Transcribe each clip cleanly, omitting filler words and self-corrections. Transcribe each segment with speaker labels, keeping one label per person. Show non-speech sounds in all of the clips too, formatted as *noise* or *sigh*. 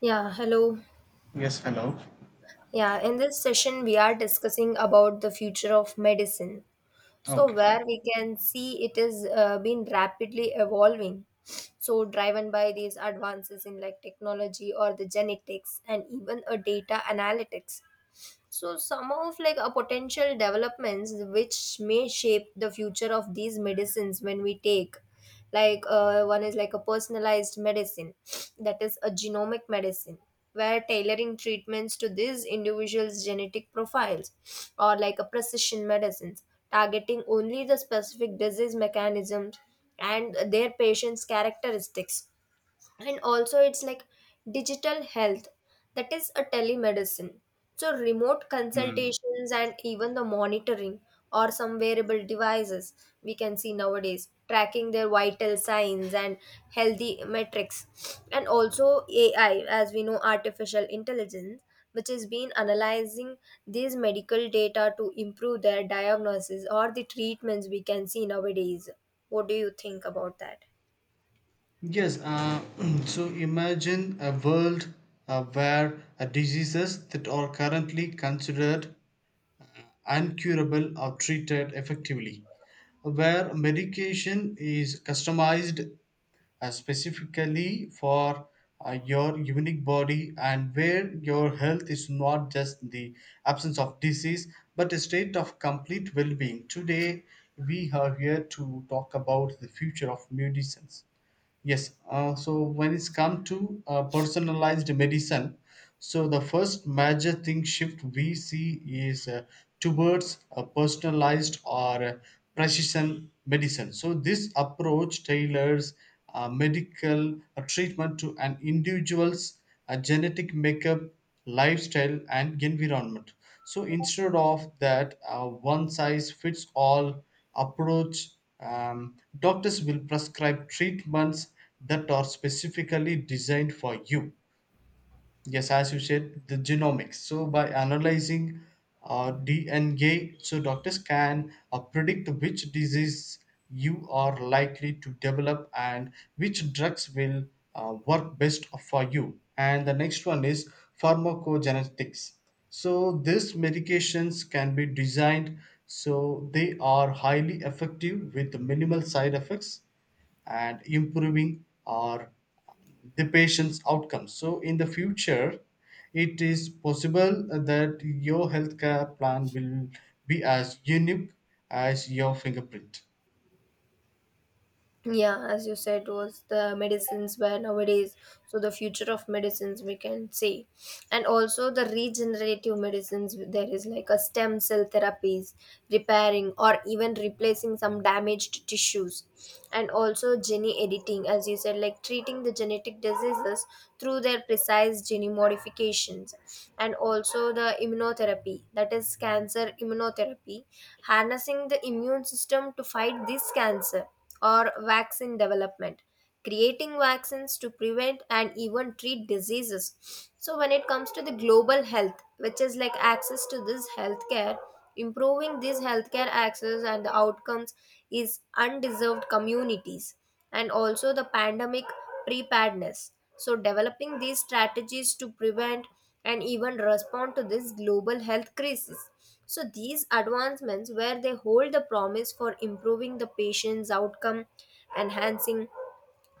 Speaker 1: Yeah, hello.
Speaker 2: Yes, hello.
Speaker 1: Yeah, in this session, we are discussing about the future of medicine. So,
Speaker 2: Okay, fine.
Speaker 1: where we can see it is been rapidly evolving. So, driven by these advances in like technology or the genetics and even a data analytics. So some of like a potential developments which may shape the future of these medicines when we take like one is like a personalized medicine, that is a genomic medicine, where tailoring treatments to these individuals genetic profiles or like a precision medicines targeting only the specific disease mechanisms and their patients characteristics. And also it's like digital health, that is a telemedicine, so remote
Speaker 2: Mm.
Speaker 1: consultations and even the monitoring, or some wearable devices we can see nowadays tracking their vital signs and healthy metrics, and also ai, as we know, artificial intelligence, which has been analyzing these medical data to improve their diagnosis or the treatments we can see nowadays. What do you think about that?
Speaker 2: Yes, uh, *clears throat* so imagine a world where diseases that are currently considered uncurable are treated effectively, where medication is customized specifically for your unique body, and where your health is not just the absence of disease but a state of complete well-being. Today we are here to talk about the future of medicines. Yes. So when it's come to personalized medicine, so the first major thing shift we see is towards a personalized or precision medicine. So this approach tailors medical treatment to an individual's genetic makeup, lifestyle and environment. So instead of that one size fits all approach, doctors will prescribe treatments that are specifically designed for you. Yes, as you said, the genomics. So by analyzing DNA, so doctors can predict which disease you are likely to develop and which drugs will work best for you. And the next one is pharmacogenetics. So these medications can be designed so they are highly effective with minimal side effects, and improving or the patient's outcomes. So, in the future, it is possible that your healthcare plan will be as unique as your fingerprint.
Speaker 1: Yeah, as you said was the medicines where nowadays, so the future of medicines we can say. And also the regenerative medicines, there is like a stem cell therapies repairing or even replacing some damaged tissues, and also gene editing, as you said, like treating the genetic diseases through their precise gene modifications, and also the immunotherapy, that is cancer immunotherapy, harnessing the immune system to fight this cancer, or vaccine development, creating vaccines to prevent and even treat diseases. So when it comes to the global health, which is like access to this healthcare, improving this healthcare access and the outcomes is undeserved communities, and also the pandemic preparedness, so developing these strategies to prevent and even respond to this global health crisis. So, these advancements, where they hold the promise for improving the patient's outcome, enhancing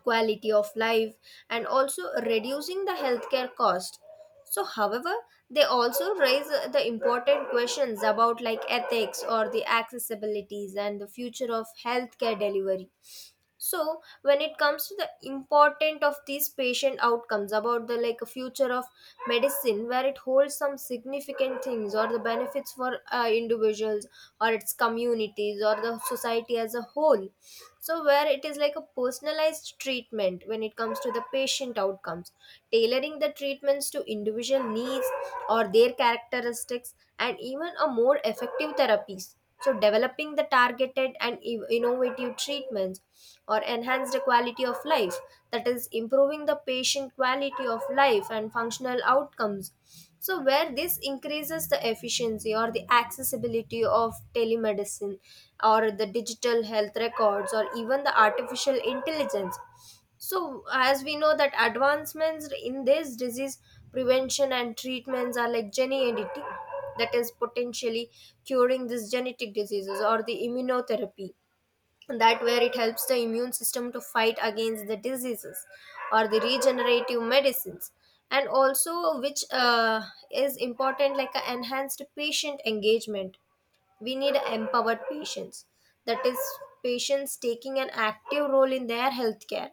Speaker 1: quality of life, and also reducing the healthcare cost. So however, they also raise the important questions about like ethics or the accessibilities and the future of healthcare delivery. So when it comes to the important of these patient outcomes about the like future of medicine, where it holds some significant things or the benefits for individuals or its communities or the society as a whole. So where it is like a personalized treatment when it comes to the patient outcomes, tailoring the treatments to individual needs or their characteristics, and even a more effective therapies, so developing the targeted and innovative treatments or enhance the quality of life, that is improving the patient quality of life and functional outcomes. So where this increases the efficiency or the accessibility of telemedicine or the digital health records or even the artificial intelligence. So, as we know that advancements in this disease prevention and treatments are like gene editing, that is potentially curing these genetic diseases, or the immunotherapy, that where it helps the immune system to fight against the diseases, or the regenerative medicines. And also which is important like a enhanced patient engagement. We need empowered patients, that is patients taking an active role in their healthcare,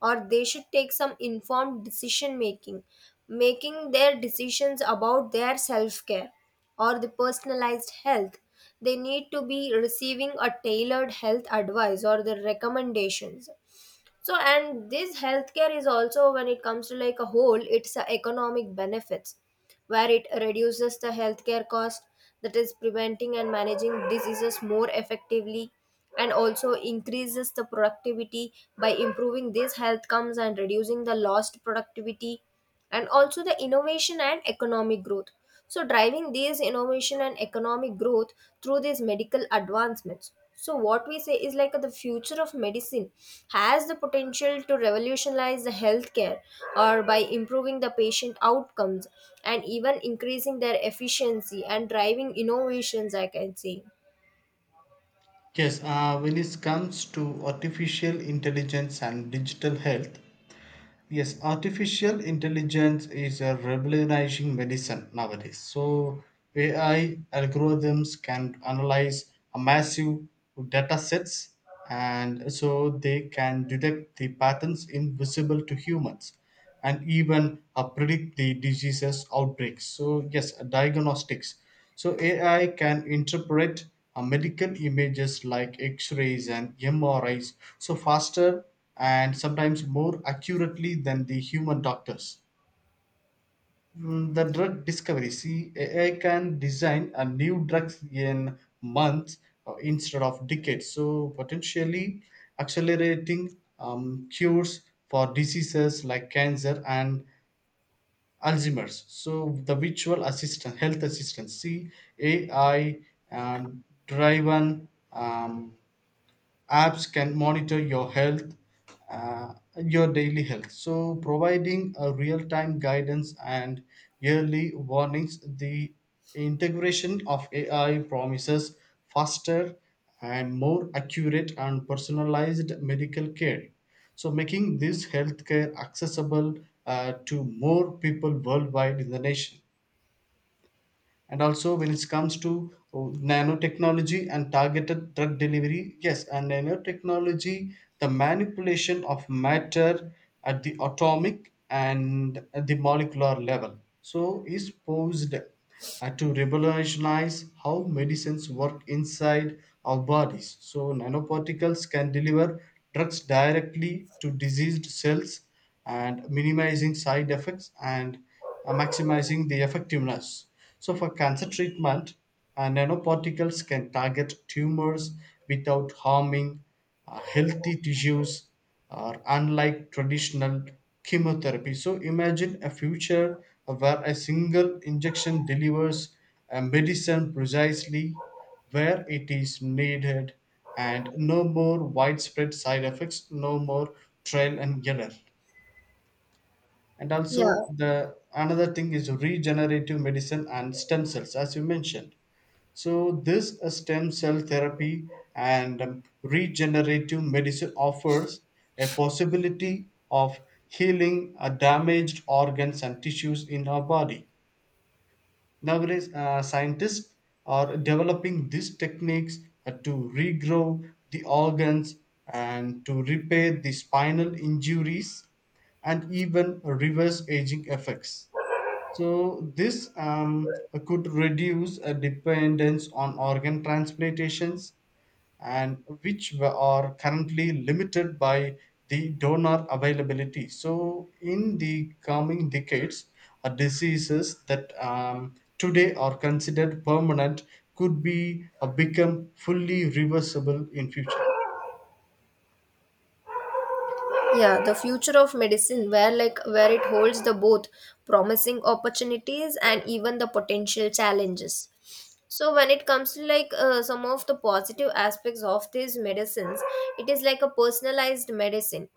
Speaker 1: or they should take some informed decision making, making their decisions about their self care or the personalized health. They need to be receiving a tailored health advice or the recommendations. So and this healthcare is also when it comes to like a whole it's a economic benefits, where it reduces the healthcare cost, that is preventing and managing diseases more effectively, and also increases the productivity by improving these health comes and reducing the lost productivity, and also the innovation and economic growth, so driving these innovation and economic growth through these medical advancements. So what we say is like the future of medicine has the potential to revolutionize the healthcare or by improving the patient outcomes and even increasing their efficiency and driving innovations, I can say.
Speaker 2: Yes, when it comes to artificial intelligence and digital health, yes, artificial intelligence is a revolutionizing medicine nowadays. So AI algorithms can analyze a massive data sets, and so they can detect the patterns invisible to humans and even predict the diseases outbreaks. So yes, diagnostics. So AI can interpret medical images like X-rays and MRIs so faster and sometimes more accurately than the human doctors. Mm. The drug discovery. See, AI can design a new drugs in months instead of decades. So potentially accelerating cures for diseases like cancer and Alzheimer's. So the virtual assistant, health assistant, CAI, uh, driven apps can monitor your health, your daily health, so providing a real-time guidance and yearly warnings. The integration of AI promises faster and more accurate and personalized medical care, so making this healthcare accessible to more people worldwide in the nation. And also when it comes to oh, nanotechnology and targeted drug delivery, yes, and nanotechnology, the manipulation of matter at the atomic and at the molecular level, so is posed to revolutionize how medicines work inside our bodies. So nanoparticles can deliver drugs directly to diseased cells, and minimizing side effects and maximizing the effectiveness. So, for cancer treatment, nanoparticles can target tumors without harming healthy tissues, or unlike traditional chemotherapy. So, imagine a future where a single injection delivers a medicine precisely where it is needed, and no more widespread side effects, no more trial and error. And
Speaker 1: Yeah,
Speaker 2: also the another thing is regenerative medicine and stem cells, as you mentioned. So this stem cell therapy and regenerative medicine offers a possibility of healing damaged organs and tissues in our body. Nowadays, scientists are developing these techniques to regrow the organs and to repair the spinal injuries and even reverse aging effects. So, this could reduce a dependence on organ transplantations, and are currently limited by the donor availability. So, in the coming decades, diseases that today are considered permanent could be become fully reversible in future.
Speaker 1: yeah, the future of medicine where like where it holds the both promising opportunities and even the potential challenges. So when it comes to like some of the positive aspects of these medicines, it is like a personalized medicine,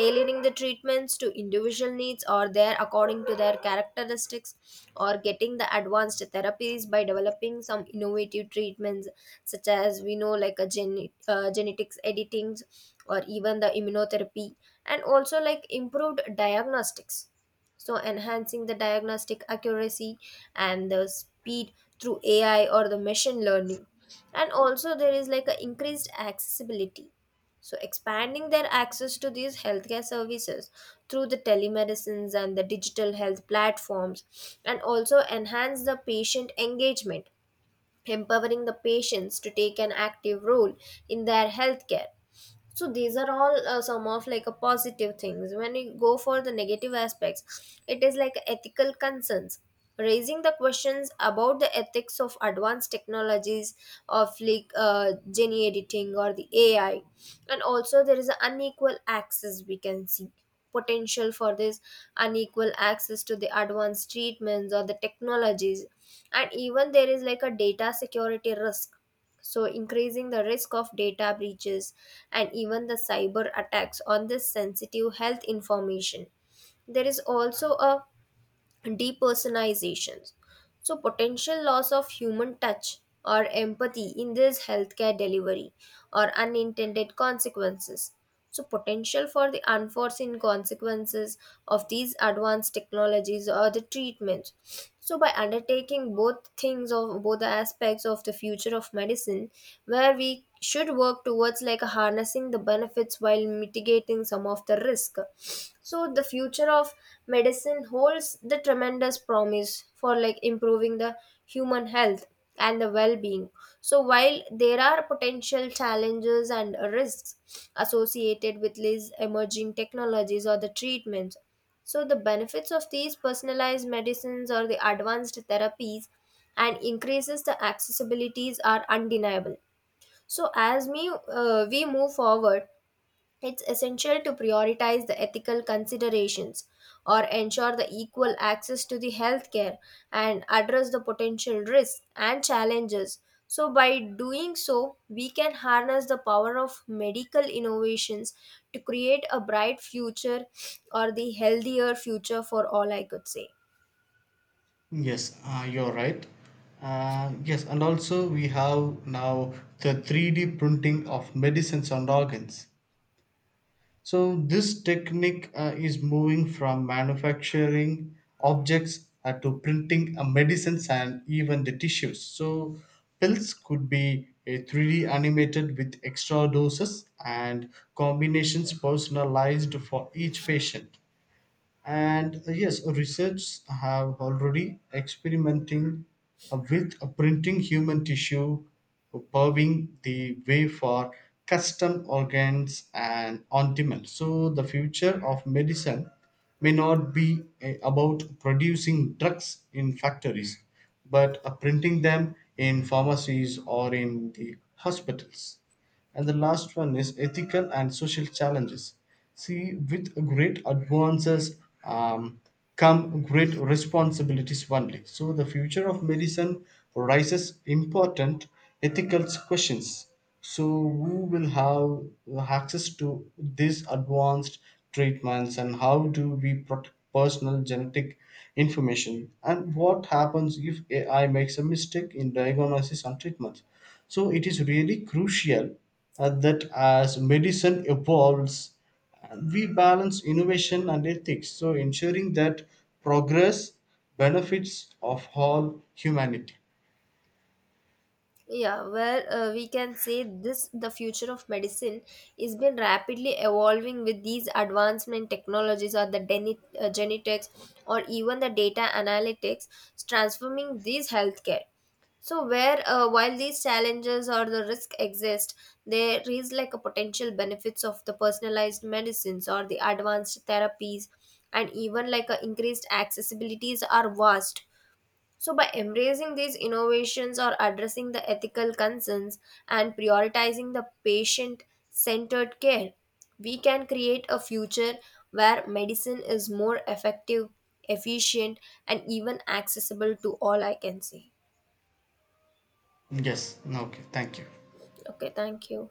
Speaker 1: tailoring the treatments to individual needs or their according to their characteristics, or getting the advanced therapies by developing some innovative treatments, such as we know like a genetics editings or even the immunotherapy, and also like improved diagnostics, so enhancing the diagnostic accuracy and the speed through ai or the machine learning, and also there is like a increased accessibility, so expanding their access to these healthcare services through the telemedicines and the digital health platforms, and also enhance the patient engagement, empowering the patients to take an active role in their healthcare. So these are all some of like a positive things. When you go for the negative aspects, it is like ethical concerns, raising the questions about the ethics of advanced technologies of like gene editing or the ai, and also there is an unequal access we can see, potential for this unequal access to the advanced treatments or the technologies, and even there is like a data security risk, so increasing the risk of data breaches and even the cyber attacks on this sensitive health information. There is also a depersonalizations. So, potential loss of human touch or empathy in this healthcare delivery, or unintended consequences. So, potential for the unforeseen consequences of these advanced technologies or the treatments. So, by undertaking both things of both the aspects of the future of medicine, where we should work towards like harnessing the benefits while mitigating some of the risk. So the future of medicine holds the tremendous promise for like improving the human health and the well-being. So while there are potential challenges and risks associated with these emerging technologies or the treatments, so the benefits of these personalized medicines or the advanced therapies and increases the accessibilities are undeniable. So, as me, we move forward, it's essential to prioritize the ethical considerations or ensure the equal access to the healthcare and address the potential risks and challenges. So, by doing so, we can harness the power of medical innovations to create a bright future or the healthier future for all, I could say.
Speaker 2: Yes, you're right. Yes, and also we have now the 3D printing of medicines and organs. So this technique is moving from manufacturing objects to printing medicines and even the tissues. So pills could be a 3D animated with extra doses and combinations personalized for each patient. And yes, research have already experimenting with printing human tissue, paving the way for custom organs and on demand. So the future of medicine may not be about producing drugs in factories but printing them in pharmacies or in the hospitals. And the last one is ethical and social challenges. See, with great advances um, come great responsibilities only. So, the future of medicine raises important ethical questions. So, who will have access to these advanced treatments, and how do we protect personal genetic information? And what happens if AI makes a mistake in diagnosis and treatment? So it is really crucial that as medicine evolves, we balance innovation and ethics, so ensuring that progress benefits of all humanity.
Speaker 1: Yeah, where we can say this the future of medicine is been rapidly evolving with these advancement technologies or the genetics or even the data analytics transforming these healthcare. So where while these challenges or the risk exist, there is like a potential benefits of the personalized medicines or the advanced therapies, and even like a increased accessibilities are vast. So, by embracing these innovations or addressing the ethical concerns and prioritizing the patient centered care, we can create a future where medicine is more effective, efficient, and even accessible to all. I can say.
Speaker 2: Yes, okay, thank you.
Speaker 1: Okay, thank you.